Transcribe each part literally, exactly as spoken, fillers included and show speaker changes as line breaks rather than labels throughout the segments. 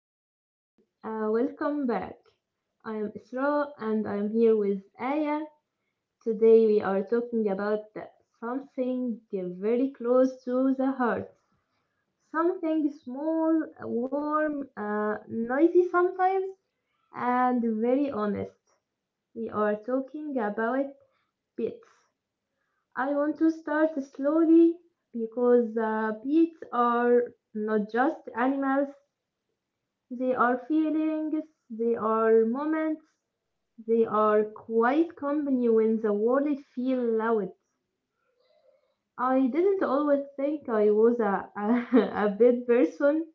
everyone. Uh, welcome back. I am Isra and I'm here with Aya. Today we are talking about the- something very close to the heart. Something small, warm, uh, noisy sometimes, and very honest. We are talking about pets. I want to start slowly because uh, pets are not just animals. They are feelings, they are moments, they are quite company when the world feels loud. I didn't always think I was a, a, a bad person.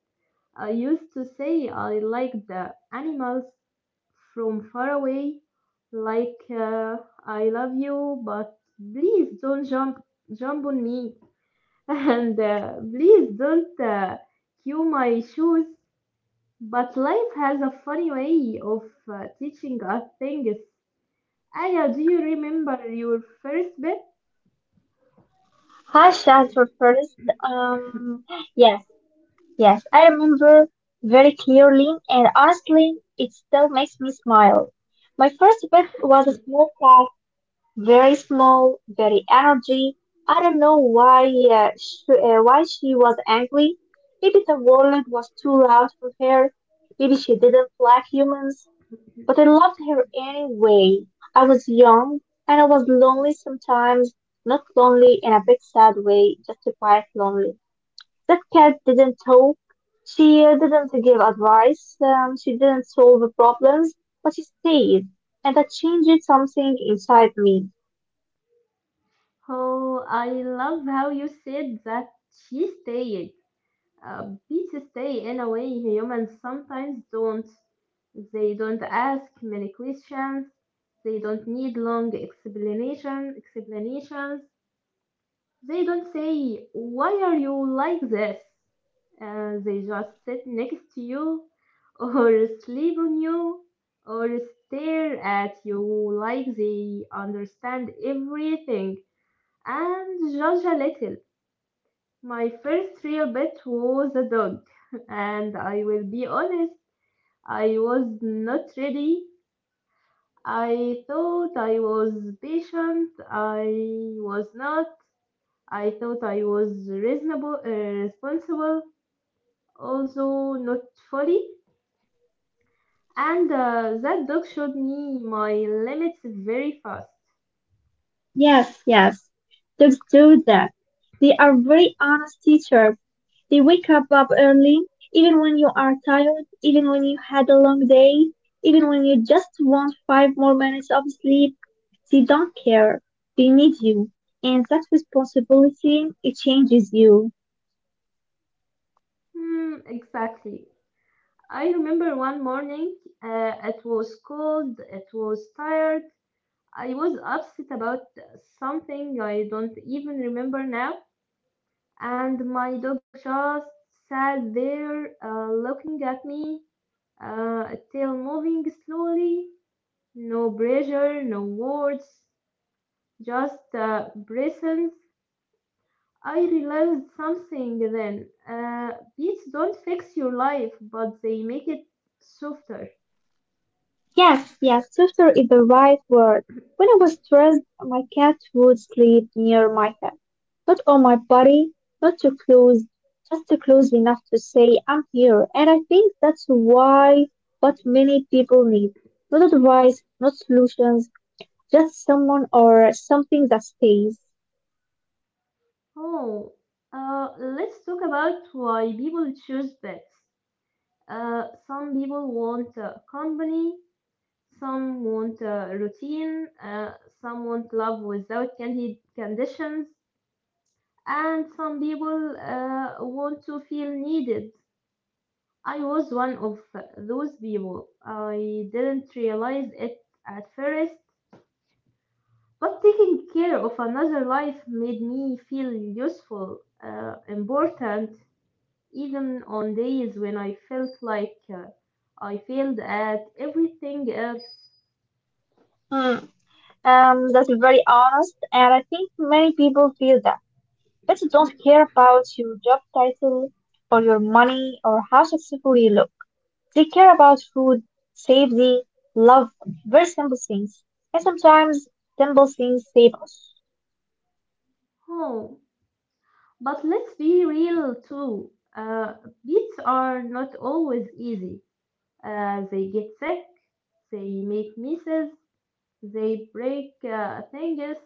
I used to say I liked the animals from far away, like uh, I love you, but please don't jump jump on me, and uh, please don't uh, cue my shoes. But life has a funny way of uh, teaching us things. Aya, do you remember your first bit?
Hi, Shazwa first. Um, yes, yes, I remember very clearly, and honestly, it still makes me smile. My first pet was a small cat, very small, very energy. I don't know why uh, sh- uh, why she was angry. Maybe the world was too loud for her. Maybe she didn't like humans. But I loved her anyway. I was young and I was lonely sometimes, not lonely in a big sad way, just a quiet lonely. That cat didn't talk. She uh, didn't give advice. Um, she didn't solve the problems, but she stayed. And that changed something inside me.
Oh, I love how you said that she stayed. Uh, beats stay in a way humans sometimes don't. They don't ask many questions. They don't need long explanation explanations. They don't say, "Why are you like this?" Uh, they just sit next to you, or sleep on you, or stare at you like they understand everything and judge a little. My first real pet was a dog, and I will be honest, I was not ready. I thought I was patient, I was not. I thought I was reasonable, uh, responsible, also not fully, and uh, that dog showed me my limits very fast.
Yes, yes, they do that. They are very honest teachers. They wake up up early, even when you are tired, even when you had a long day, even when you just want five more minutes of sleep. They don't care. They need you. And that responsibility, it changes you.
Hmm, exactly. I remember one morning, uh, it was cold, it was tired, I was upset about something I don't even remember now, and my dog just sat there uh, looking at me, uh, tail moving slowly. No pressure, no words, just uh, presence. I realized something then. Uh, beats don't fix your life, but they make it softer.
Yes, yes, softer is the right word. When I was stressed, my cat would sleep near my head. Not on my body, not too close, just too close enough to say, I'm here. And I think that's why what many people need. Not advice, not solutions, just someone or something that stays.
Oh, uh, let's talk about why people choose pets. Uh, some people want uh, company, some want uh, routine, uh, some want love without candid conditions, and some people uh, want to feel needed. I was one of those people. I didn't realize it at first, but taking care of another life made me feel useful, uh, important, even on days when I felt like uh, I failed at everything else.
Hmm. Um, that's very honest, and I think many people feel that. Pets don't care about your job title or your money or how successful you look. They care about food, safety, love, very simple things. And sometimes simple things save us.
Oh, but let's be real too. Uh, Beats are not always easy. Uh, they get sick, they make misses, they break uh, things.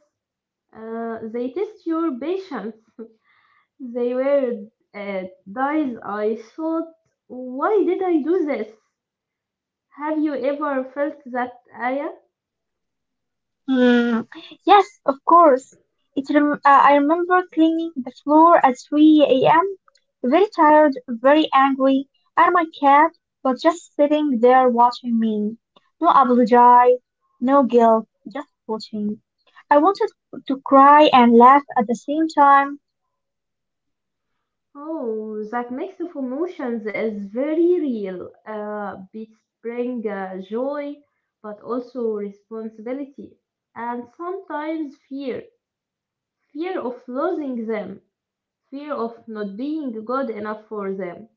Uh, they test your patience. They were uh, dies. I thought, why did I do this? Have you ever felt that, Aya?
Hmm. Yes, of course. It rem- uh, I remember cleaning the floor at three a m. Very tired, very angry, and my cat was just sitting there watching me. No apology, no guilt, just watching. I wanted to cry and laugh at the same time.
Oh, that mix of emotions is very real. Uh, beats bring uh, joy, but also responsibility, and sometimes fear. Fear of losing them. Fear of not being good enough for them.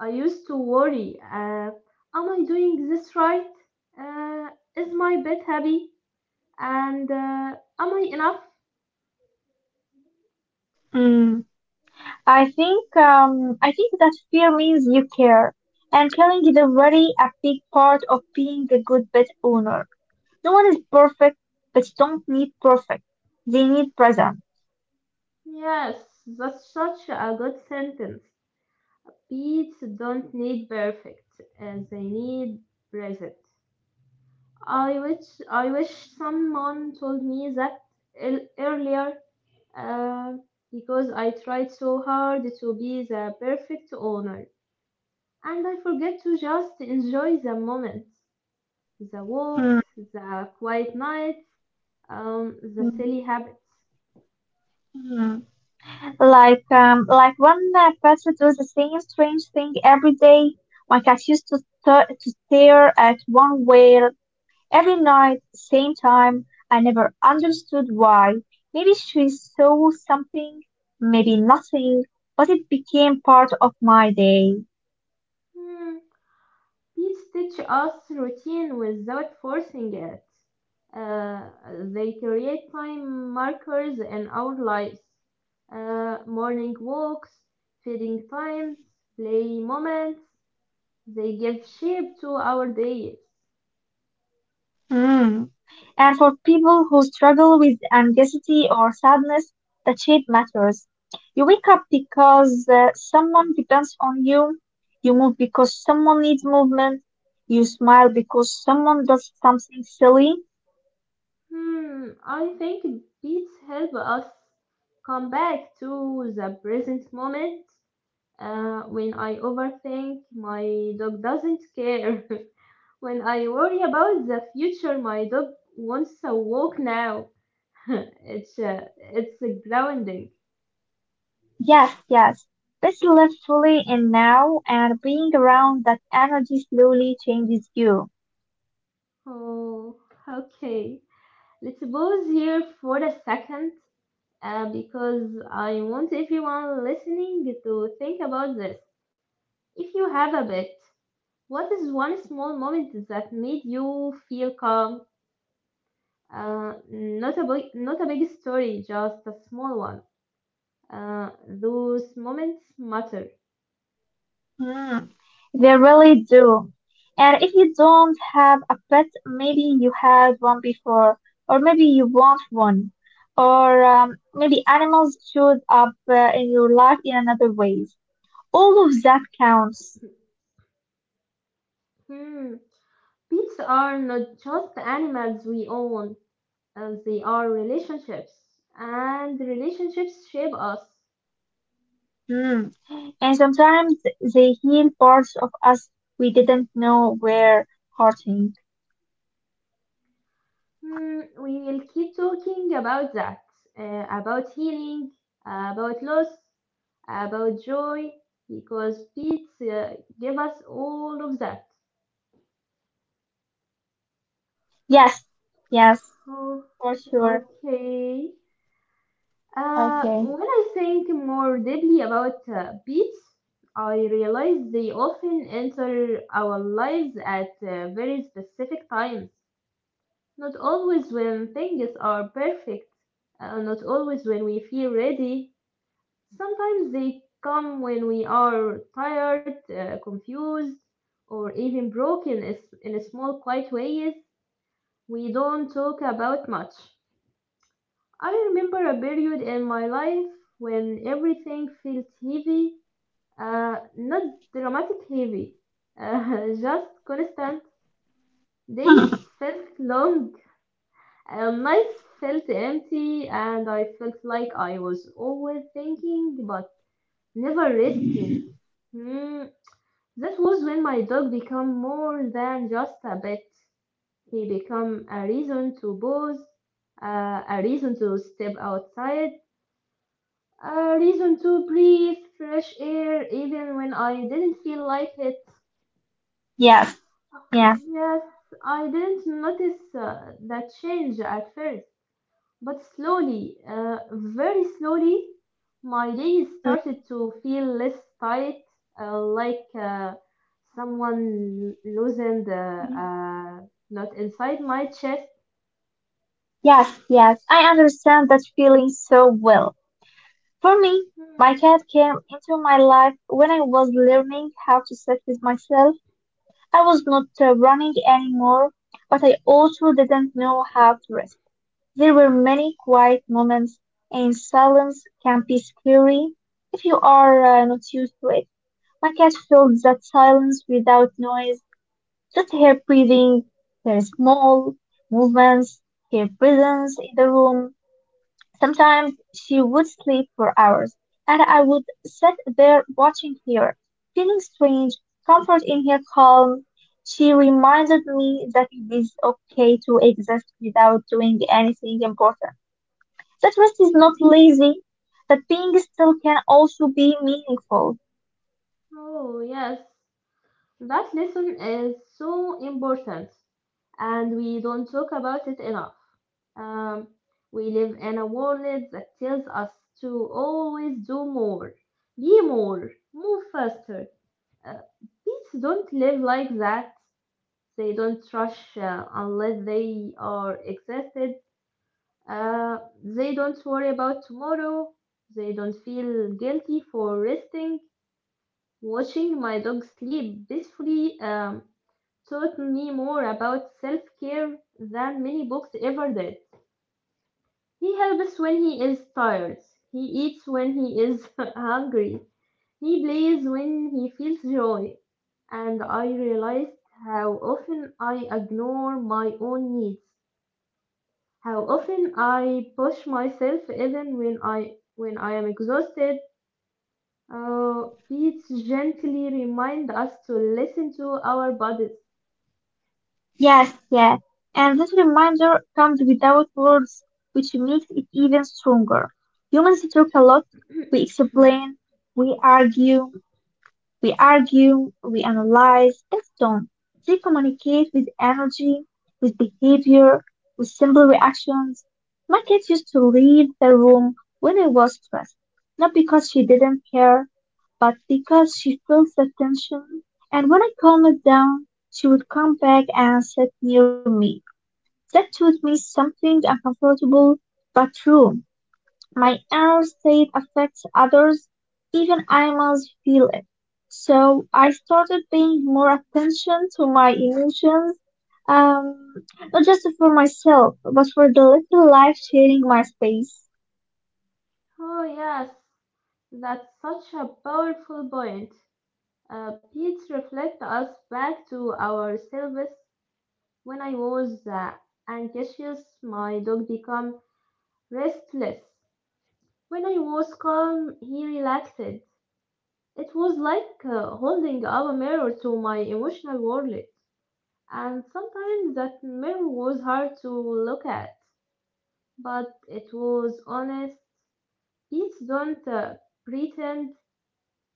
I used to worry, uh, am I doing this right? Uh, is my pet happy? And uh, am I enough?
Hmm. I think um, I think that fear means you care, and caring is a very a big part of being a good pet owner. No one is perfect, but you don't need perfect. They need present.
Yes, that's such a good sentence. Pets don't need perfect, uh, they need present. I wish I wish someone told me that el- earlier, uh, because I tried so hard to be the perfect owner, and I forget to just enjoy the moment. The walks,
Mm,
the quiet nights, um, the
mm,
silly habits.
mm. Like um, like one uh, pet does the same strange thing every day. My cat used to st- to stare at one way every night, same time. I never understood why. Maybe she saw something, maybe nothing, but it became part of my day.
Hmm. Bees teach us routine without forcing it. Uh, they create time markers in our lives. Uh, morning walks, feeding times, play moments. They give shape to our days.
Mm. And for people who struggle with anxiety or sadness, the shape matters. You wake up because uh, someone depends on you. You move because someone needs movement. You smile because someone does something silly.
Hmm, I think beats help us come back to the present moment. Uh, when I overthink, my dog doesn't care. When I worry about the future, my dog wants a walk now. it's uh, it's a grounding.
Yes, yes. Let's live fully in now, and being around that energy slowly changes you.
Oh, okay. Let's pause here for a second, uh, because I want everyone listening to think about this. If you have a pet, what is one small moment that made you feel calm? Uh, not a big, not a big story, just a small one. Uh, those moments matter.
Hmm. They really do. And if you don't have a pet, maybe you had one before, or maybe you want one, or um, maybe animals showed up uh, in your life in another ways. All of that counts.
Hmm. Pets are not just animals we own, uh, they are relationships, and relationships shape us.
Hmm. And sometimes they heal parts of us we didn't know were hurting.
Hmm. We will keep talking about that, uh, about healing, about loss, about joy, because pets uh, give us all of that.
Yes, yes,
Oh,
for sure.
okay. Uh,
Okay.
when I think more deeply about uh, pets, I realize they often enter our lives at uh, very specific times. Not always when things are perfect, uh, not always when we feel ready. Sometimes they come when we are tired, uh, confused, or even broken is- in small, quiet ways we don't talk about much. I remember a period in my life when everything felt heavy, uh, not dramatic heavy, uh, just constant. Days felt long, and nights felt empty, and I felt like I was always thinking but never resting. Hmm, that was when my dog became more than just a pet. He became a reason to pause, uh, a reason to step outside. A reason to breathe fresh air even when I didn't feel like it.
Yes, yes.
Yes, I didn't notice uh, that change at first, but slowly, uh, very slowly, my days started
Mhm.
to feel less tight, uh, like uh, someone loosened uh, uh, not inside my chest.
Yes, yes. I understand that feeling so well. For me, my
Hmm.
cat came into my life when I was learning how to sit with myself. I was not uh, running anymore, but I also didn't know how to rest. There were many quiet moments, and silence can be scary if you are uh, not used to it. My cat filled that silence without noise. Just her breathing, her small movements, her presence in the room. Sometimes she would sleep for hours, and I would sit there watching her, feeling strange comfort in her calm. She reminded me that it is okay to exist without doing anything important. That rest is not lazy, that being still can also be meaningful.
Oh, yes. That lesson is so important, and we don't talk about it enough. Um, we live in a world that tells us to always do more, be more, move faster. Uh, Bees don't live like that. They don't rush uh, unless they are exhausted. Uh, they don't worry about tomorrow. They don't feel guilty for resting. Watching my dog sleep peacefully um, taught me more about self care than many books ever did. He helps when he is tired, he eats when he is hungry, he plays when he feels joy, and I realized how often I ignore my own needs, how often I push myself even when I when I am exhausted. Uh, Pete gently reminds us to listen to our bodies.
Yes, yes. And that reminder comes without words, which makes it even stronger. Humans talk a lot, we explain, we argue, we argue, we analyze, that's done. They communicate with energy, with behavior, with simple reactions. My cat used to leave the room when I was stressed, not because she didn't care, but because she felt the tension. And when I calmed it down, she would come back and sit near me. That taught me something uncomfortable but true. My inner state affects others, even animals feel it. So I started paying more attention to my emotions, um, not just for myself, but for the little life sharing my space.
Oh, yes, that's such a powerful point. Uh, Pete reflect us back to our service. When I was uh, anxious, my dog became restless. When I was calm, he relaxed. It was like uh, holding up a mirror to my emotional world, and sometimes that mirror was hard to look at, but it was honest. Pets don't uh, pretend.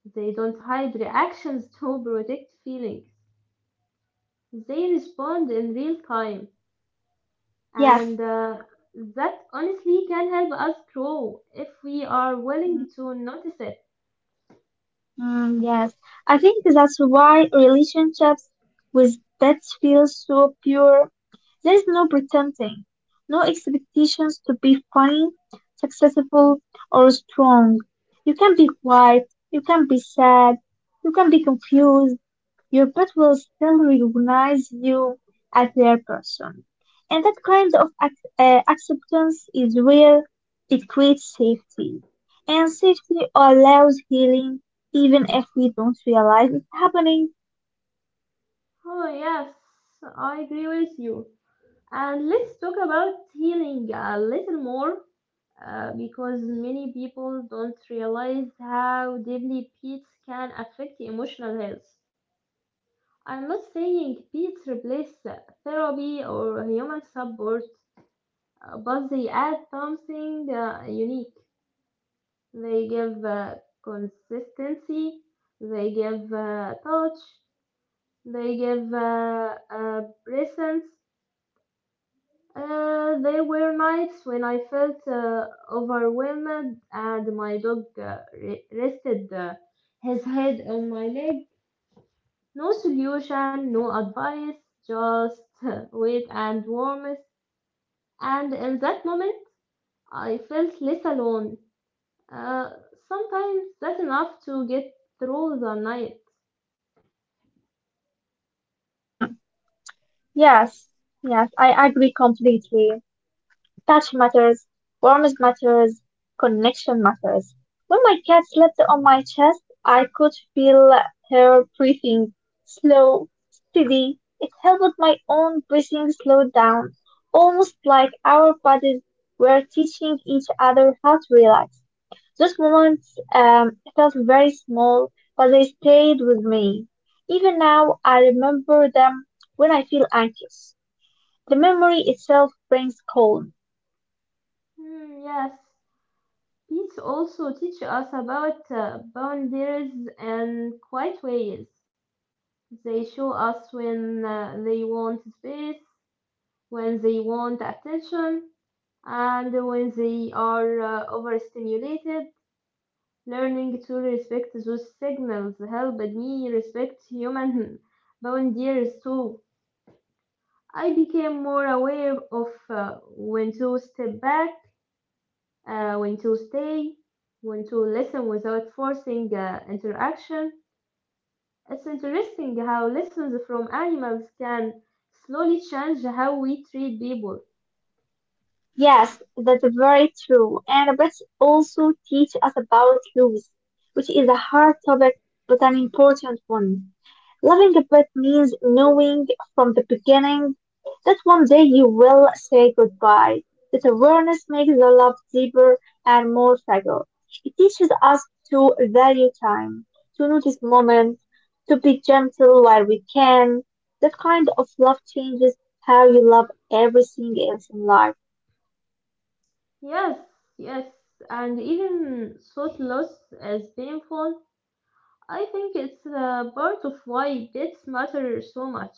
They don't hide reactions to protect feelings. They respond in real time.
Yes.
And uh, that honestly can help us grow if we are willing
Mm.
to notice it.
Mm, yes, I think that's why relationships with pets feel so pure. There is no pretending, no expectations to be fine, successful, or strong. You can be quiet, you can be sad, you can be confused. Your pet will still recognize you as their person. And that kind of ac- uh, acceptance is where it creates safety. And safety allows healing even if we don't realize it's happening.
Oh, yes, I agree with you. And let's talk about healing a little more uh, because many people don't realize how deeply pets can affect emotional health. I'm not saying pets replace therapy or human support. Uh, but they add something uh, unique. They give uh, consistency, they give uh, touch, they give uh, uh, presence. Uh, there were nights when I felt uh, overwhelmed and my dog uh, re- rested uh, his head on my leg. No solution, no advice, just wait and warmth. And in that moment, I felt less alone. Uh, Sometimes that's enough to get through the night.
Yes, yes, I agree completely. Touch matters, warmth matters, connection matters. When my cat slept on my chest, I could feel her breathing, slow, steady. It helped my own breathing slow down, almost like our bodies were teaching each other how to relax. Those moments um, felt very small, but they stayed with me. Even now, I remember them when I feel anxious. The memory itself brings calm.
Hmm, yes, beats also teach us about uh, boundaries and quiet ways. They show us when uh, they want space, when they want attention, and when they are uh, overstimulated. Learning to respect those signals helped me respect human boundaries too. I became more aware of uh, when to step back, uh, when to stay, when to listen without forcing uh, interaction. It's interesting how lessons from animals can slowly change how we treat people.
Yes, that's very true. And books also teach us about loss, which is a hard topic but an important one. Loving a pet means knowing from the beginning that one day you will say goodbye. That awareness makes the love deeper and more fragile. It teaches us to value time, to notice moments, to be gentle while we can. That kind of love changes how you love everything else in life.
Yes, yes, and even thought loss is painful. I think it's uh, part of why pets matter so much.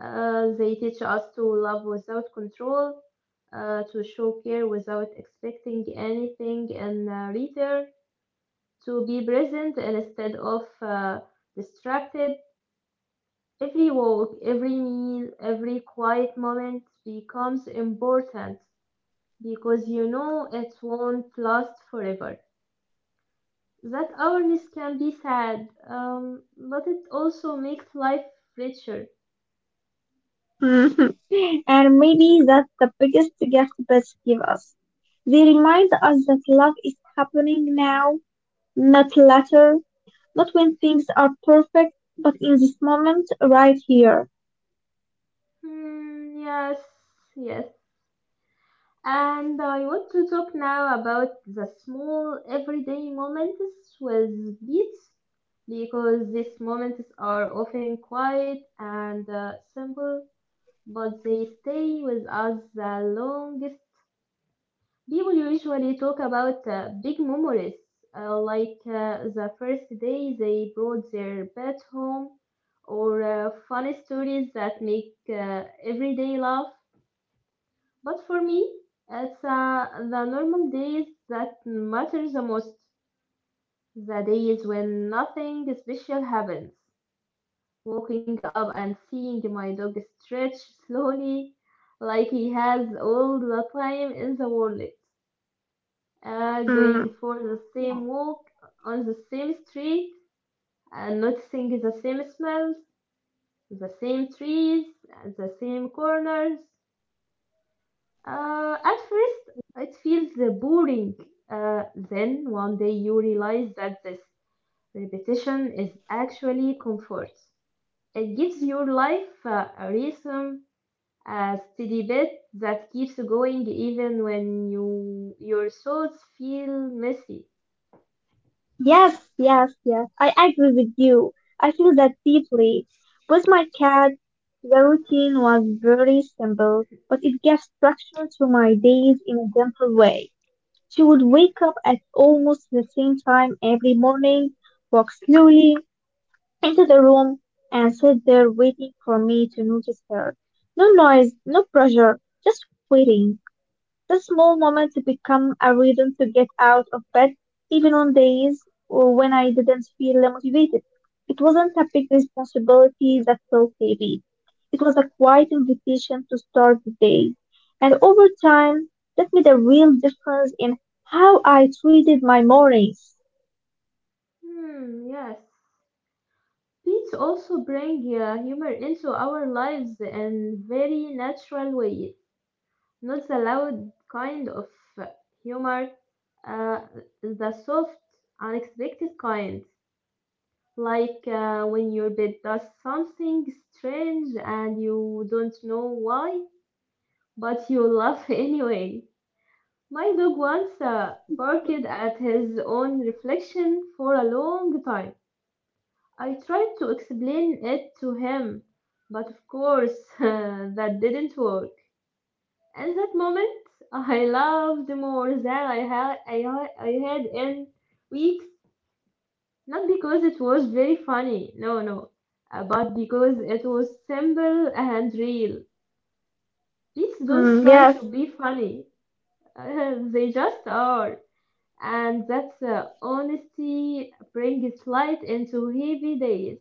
Uh, they teach us to love without control, uh, to show care without expecting anything in uh, return, to be present instead of uh, distracted. Every walk, every meal, every quiet moment becomes important because you know it won't last forever. That awareness can be sad, um, but it also makes life richer.
Mhm. And maybe that's the biggest gift pets give us. They remind us that love is happening now, not later, not when things are perfect, but in this moment right here.
Hmm, yes, yes. And I want to talk now about the small everyday moments with beats because these moments are often quiet and uh, simple, but they stay with us the longest. People usually talk about uh, big memories, uh, like uh, the first day they brought their pet home, or uh, funny stories that make uh, everyday laugh. But for me, it's uh, the normal days that matter the most. The days when nothing special happens. Waking up and seeing my dog stretch slowly, like he has all the time in the world. Uh,
Mm.
going for the same walk on the same street and noticing the same smells, the same trees, and the same corners. Uh, at first, it feels uh, boring. Uh, then one day you realize that this repetition is actually comfort. It gives your life uh, a rhythm, a steady beat that keeps going even when you your thoughts feel messy.
Yes, yes, yes. I agree with you. I feel that deeply. With my cat, the routine was very simple, but it gave structure to my days in a gentle way. She would wake up at almost the same time every morning, walk slowly into the room, and sit there waiting for me to notice her. No noise, no pressure, just waiting. The small moments become a reason to get out of bed, even on days when I didn't feel motivated. It wasn't a big responsibility that felt heavy. It was a quiet invitation to start the day. And over time, that made a real difference in how I treated my mornings.
Hmm, yes. Beats also bring uh, humor into our lives in very natural way. Not the loud kind of humor, uh, the soft, unexpected kind, like uh, when your pet does something strange and you don't know why, but you laugh anyway. My dog once uh, barked at his own reflection for a long time. I tried to explain it to him, but of course that didn't work. At that moment, I loved more than I had I, ha- I had in weeks, not because it was very funny, no, no, uh, but because it was simple and real. Please don't
Mm,
try
yes.
to be funny. They just are, and that's uh, honesty brings light into heavy days.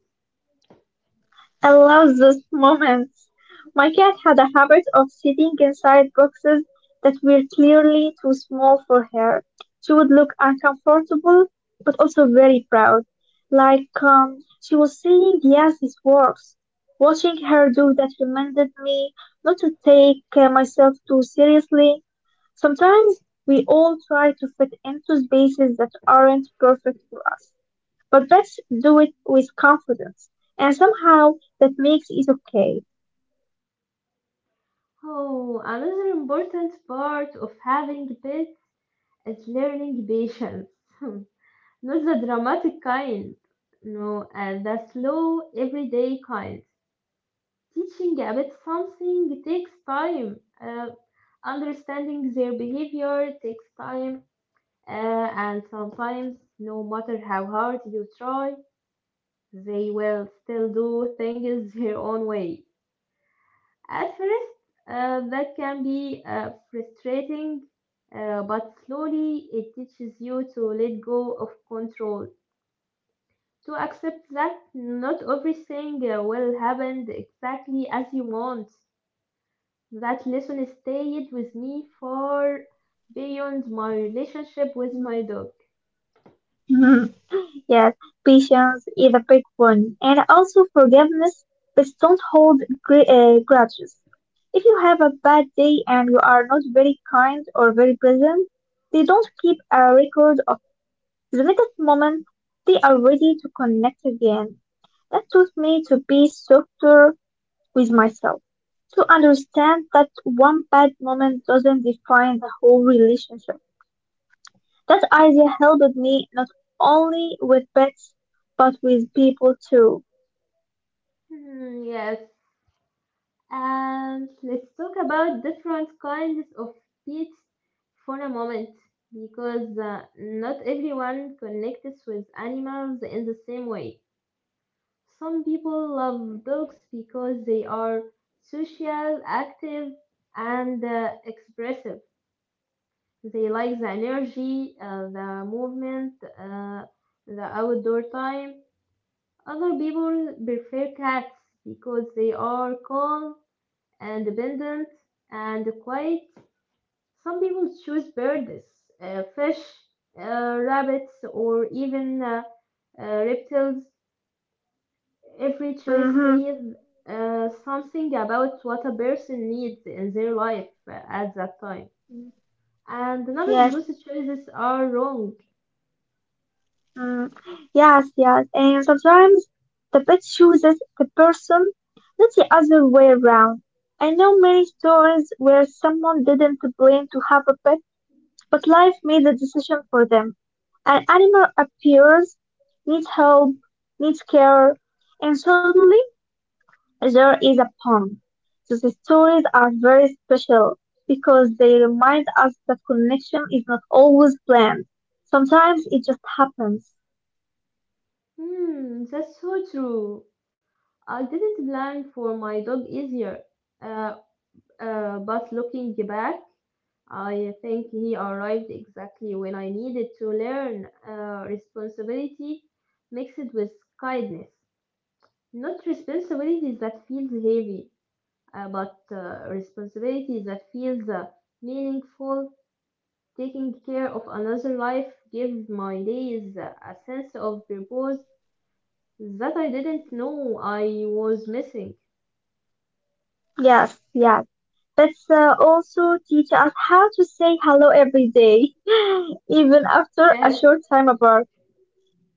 I love those moments. My cat had a habit of sitting inside boxes that were clearly too small for her. She would look uncomfortable, but also very proud. Like um, she was saying, yes, this works. Watching her do that reminded me not to take uh, myself too seriously. Sometimes we all try to fit into spaces that aren't perfect for us. But let's do it with confidence. And somehow that makes it okay.
Oh, another important part of having pets is learning patience. Not the dramatic kind, no, and the slow, everyday kind. Teaching a pet something takes time. Uh, Understanding their behavior takes time, uh, and sometimes, no matter how hard you try, they will still do things their own way. At first, uh, that can be uh, frustrating, uh, but slowly it teaches you to let go of control to accept that not everything uh, will happen exactly as you want. That lesson stayed with me far beyond my relationship with my dog.
Mm. Yes, patience is a big one. And also forgiveness, but don't hold gr- uh, grudges. If you have a bad day and you are not very kind or very present, they don't keep a record of the next moment they are ready to connect again. That taught me to be softer with myself to understand that one bad moment doesn't define the whole relationship. That idea helped me not only with pets but with people too.
Hmm, yes, and let's talk about different kinds of pets for a moment because uh, not everyone connects with animals in the same way. Some people love dogs because they are social, active, and uh, expressive. They like the energy, uh, the movement, uh, the outdoor time. Other people prefer cats because they are calm, independent, and quiet. Some people choose birds, uh, fish, uh, rabbits, or even uh, uh, reptiles. Every choice
Hmm.
says uh, something about what a person needs in their life uh, at that time. And none of
Yes,
those choices are wrong.
mm, yes, yes. And sometimes the pet chooses the person, not the other way around. I know many stories where someone didn't plan to have a pet. But life made the decision for them. An animal appears, needs help, needs care, and suddenly there is a pond. These stories are very special because they remind us that connection is not always planned. Sometimes it just happens.
Hmm, that's so true. I didn't plan for my dog easier. Uh, uh, but looking back, I think he arrived exactly when I needed to learn uh, responsibility mixed with kindness. Not responsibility that feels heavy, uh, but uh, responsibility that feels uh, meaningful. Taking care of another life gives my days uh, a sense of purpose that I didn't know I was missing.
Yes, yes. Pets uh, also teach us how to say hello every day, even after a
I
short time apart.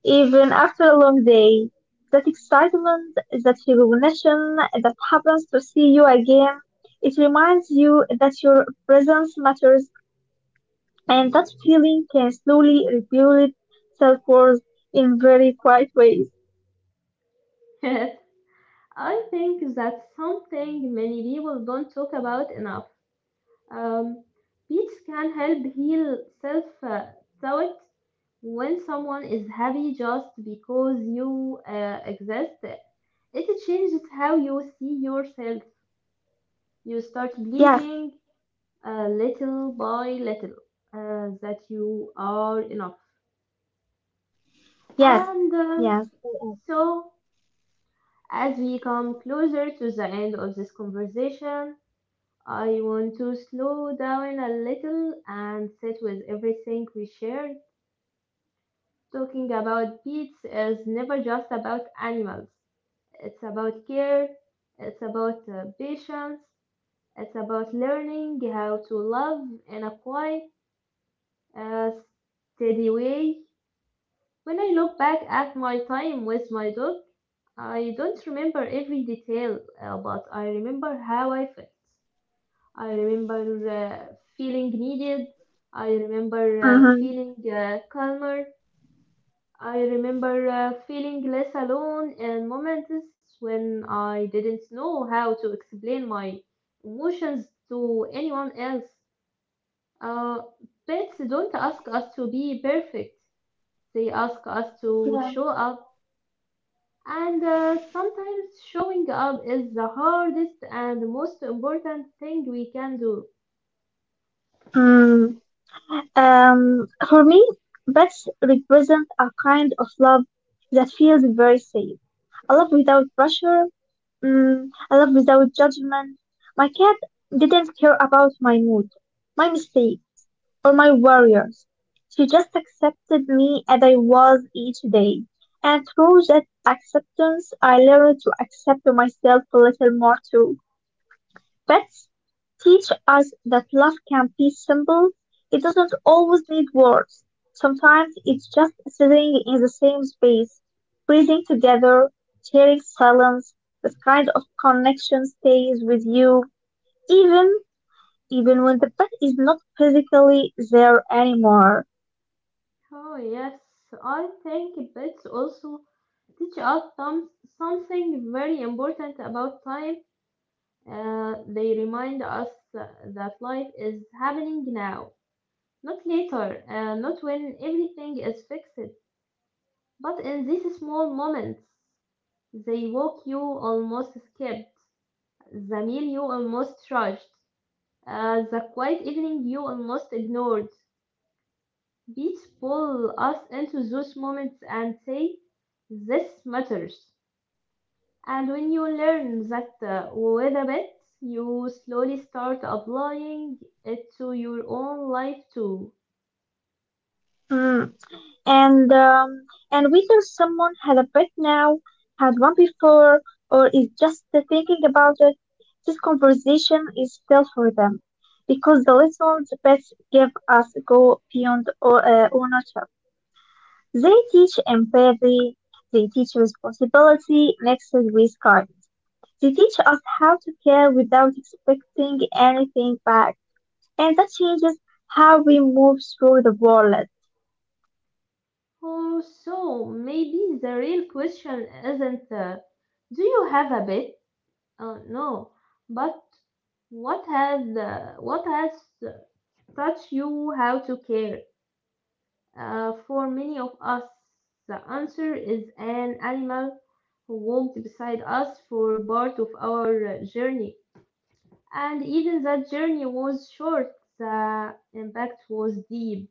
Even after a long day, that excitement, that recognition that happens to see you again, it reminds you that your presence matters and that feeling can slowly rebuild self-worth in very quiet ways.
think that's something many people don't talk about enough. Um, Beats can help heal self uh, doubt when someone is happy just because you uh, exist. It changes how you see yourself. You start
Yes,
believing uh, little by little uh, that you are enough.
yes,
And um,
yes. Uh-huh.
so, as we come closer to the end of this conversation, I want to slow down a little and sit with everything we shared. Talking about pets is never just about animals, it's about care, it's about uh, patience, it's about learning how to love in a quiet a steady way. When I look back at my time with my dog, I don't remember every detail, uh, but I remember how I felt. I remember uh, feeling needed. I remember uh,
Mm-hmm.
feeling uh, calmer. I remember uh, feeling less alone in moments when I didn't know how to explain my emotions to anyone else. Uh, Pets don't ask us to be perfect. They ask us to
Yeah.
show up, and uh, sometimes showing up is the hardest and most important thing we can do.
Mm. Um, for me, pets represent a kind of love that feels very safe. A love without pressure, mm, I love without judgment. My cat didn't care about my mood, my mistakes, or my warriors. She just accepted me as I was each day. And through that acceptance, I learned to accept myself a little more too. Pets teach us that love can be simple. It doesn't always need words. Sometimes it's just sitting in the same space, breathing together, sharing silence. This kind of connection stays with you even even when the pet is not physically there anymore.
Oh, yes, I think pets also teach us some, something very important about time. Uh, they remind us that life is happening now, not later, uh, not when everything is fixed, but in these small moments. They walk you almost skipped. The meal you almost rushed. Uh, the quiet evening you almost ignored. Beats pull us into those moments and say, this matters. And when you learn that uh, with a bit, you slowly start applying it to your own life too.
Hmm. and um, and whether someone had a pet now, had one before, or is just thinking about it, this conversation is still for them, because the lessons pets give us go beyond o- uh, ownership. They teach empathy, they teach responsibility mixed with kindness. They teach us how to care without expecting anything back, and that changes how we move through the world.
Oh, so maybe the real question isn't uh, do you have a bit? Uh, no, but what has uh, what has touch you how to care. Uh, for many of us, the answer is an animal who walked beside us for part of our uh, journey. And even that journey was short, the impact was deep.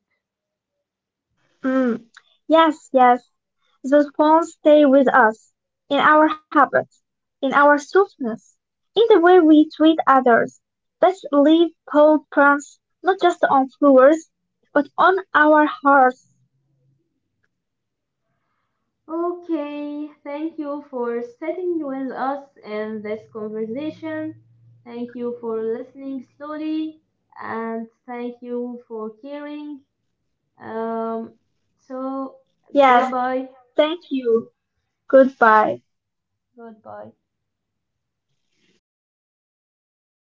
Mm, yes, yes. Those bones stay with us, in our habits, in our softness, in the way we treat others. Let's leave cold prints, not just on floors, but on our hearts.
Okay, thank you for sitting with us in this conversation. Thank you for listening slowly, and thank you for caring. Um, so,
Yes,
Goodbye.
thank you. Goodbye.
Goodbye.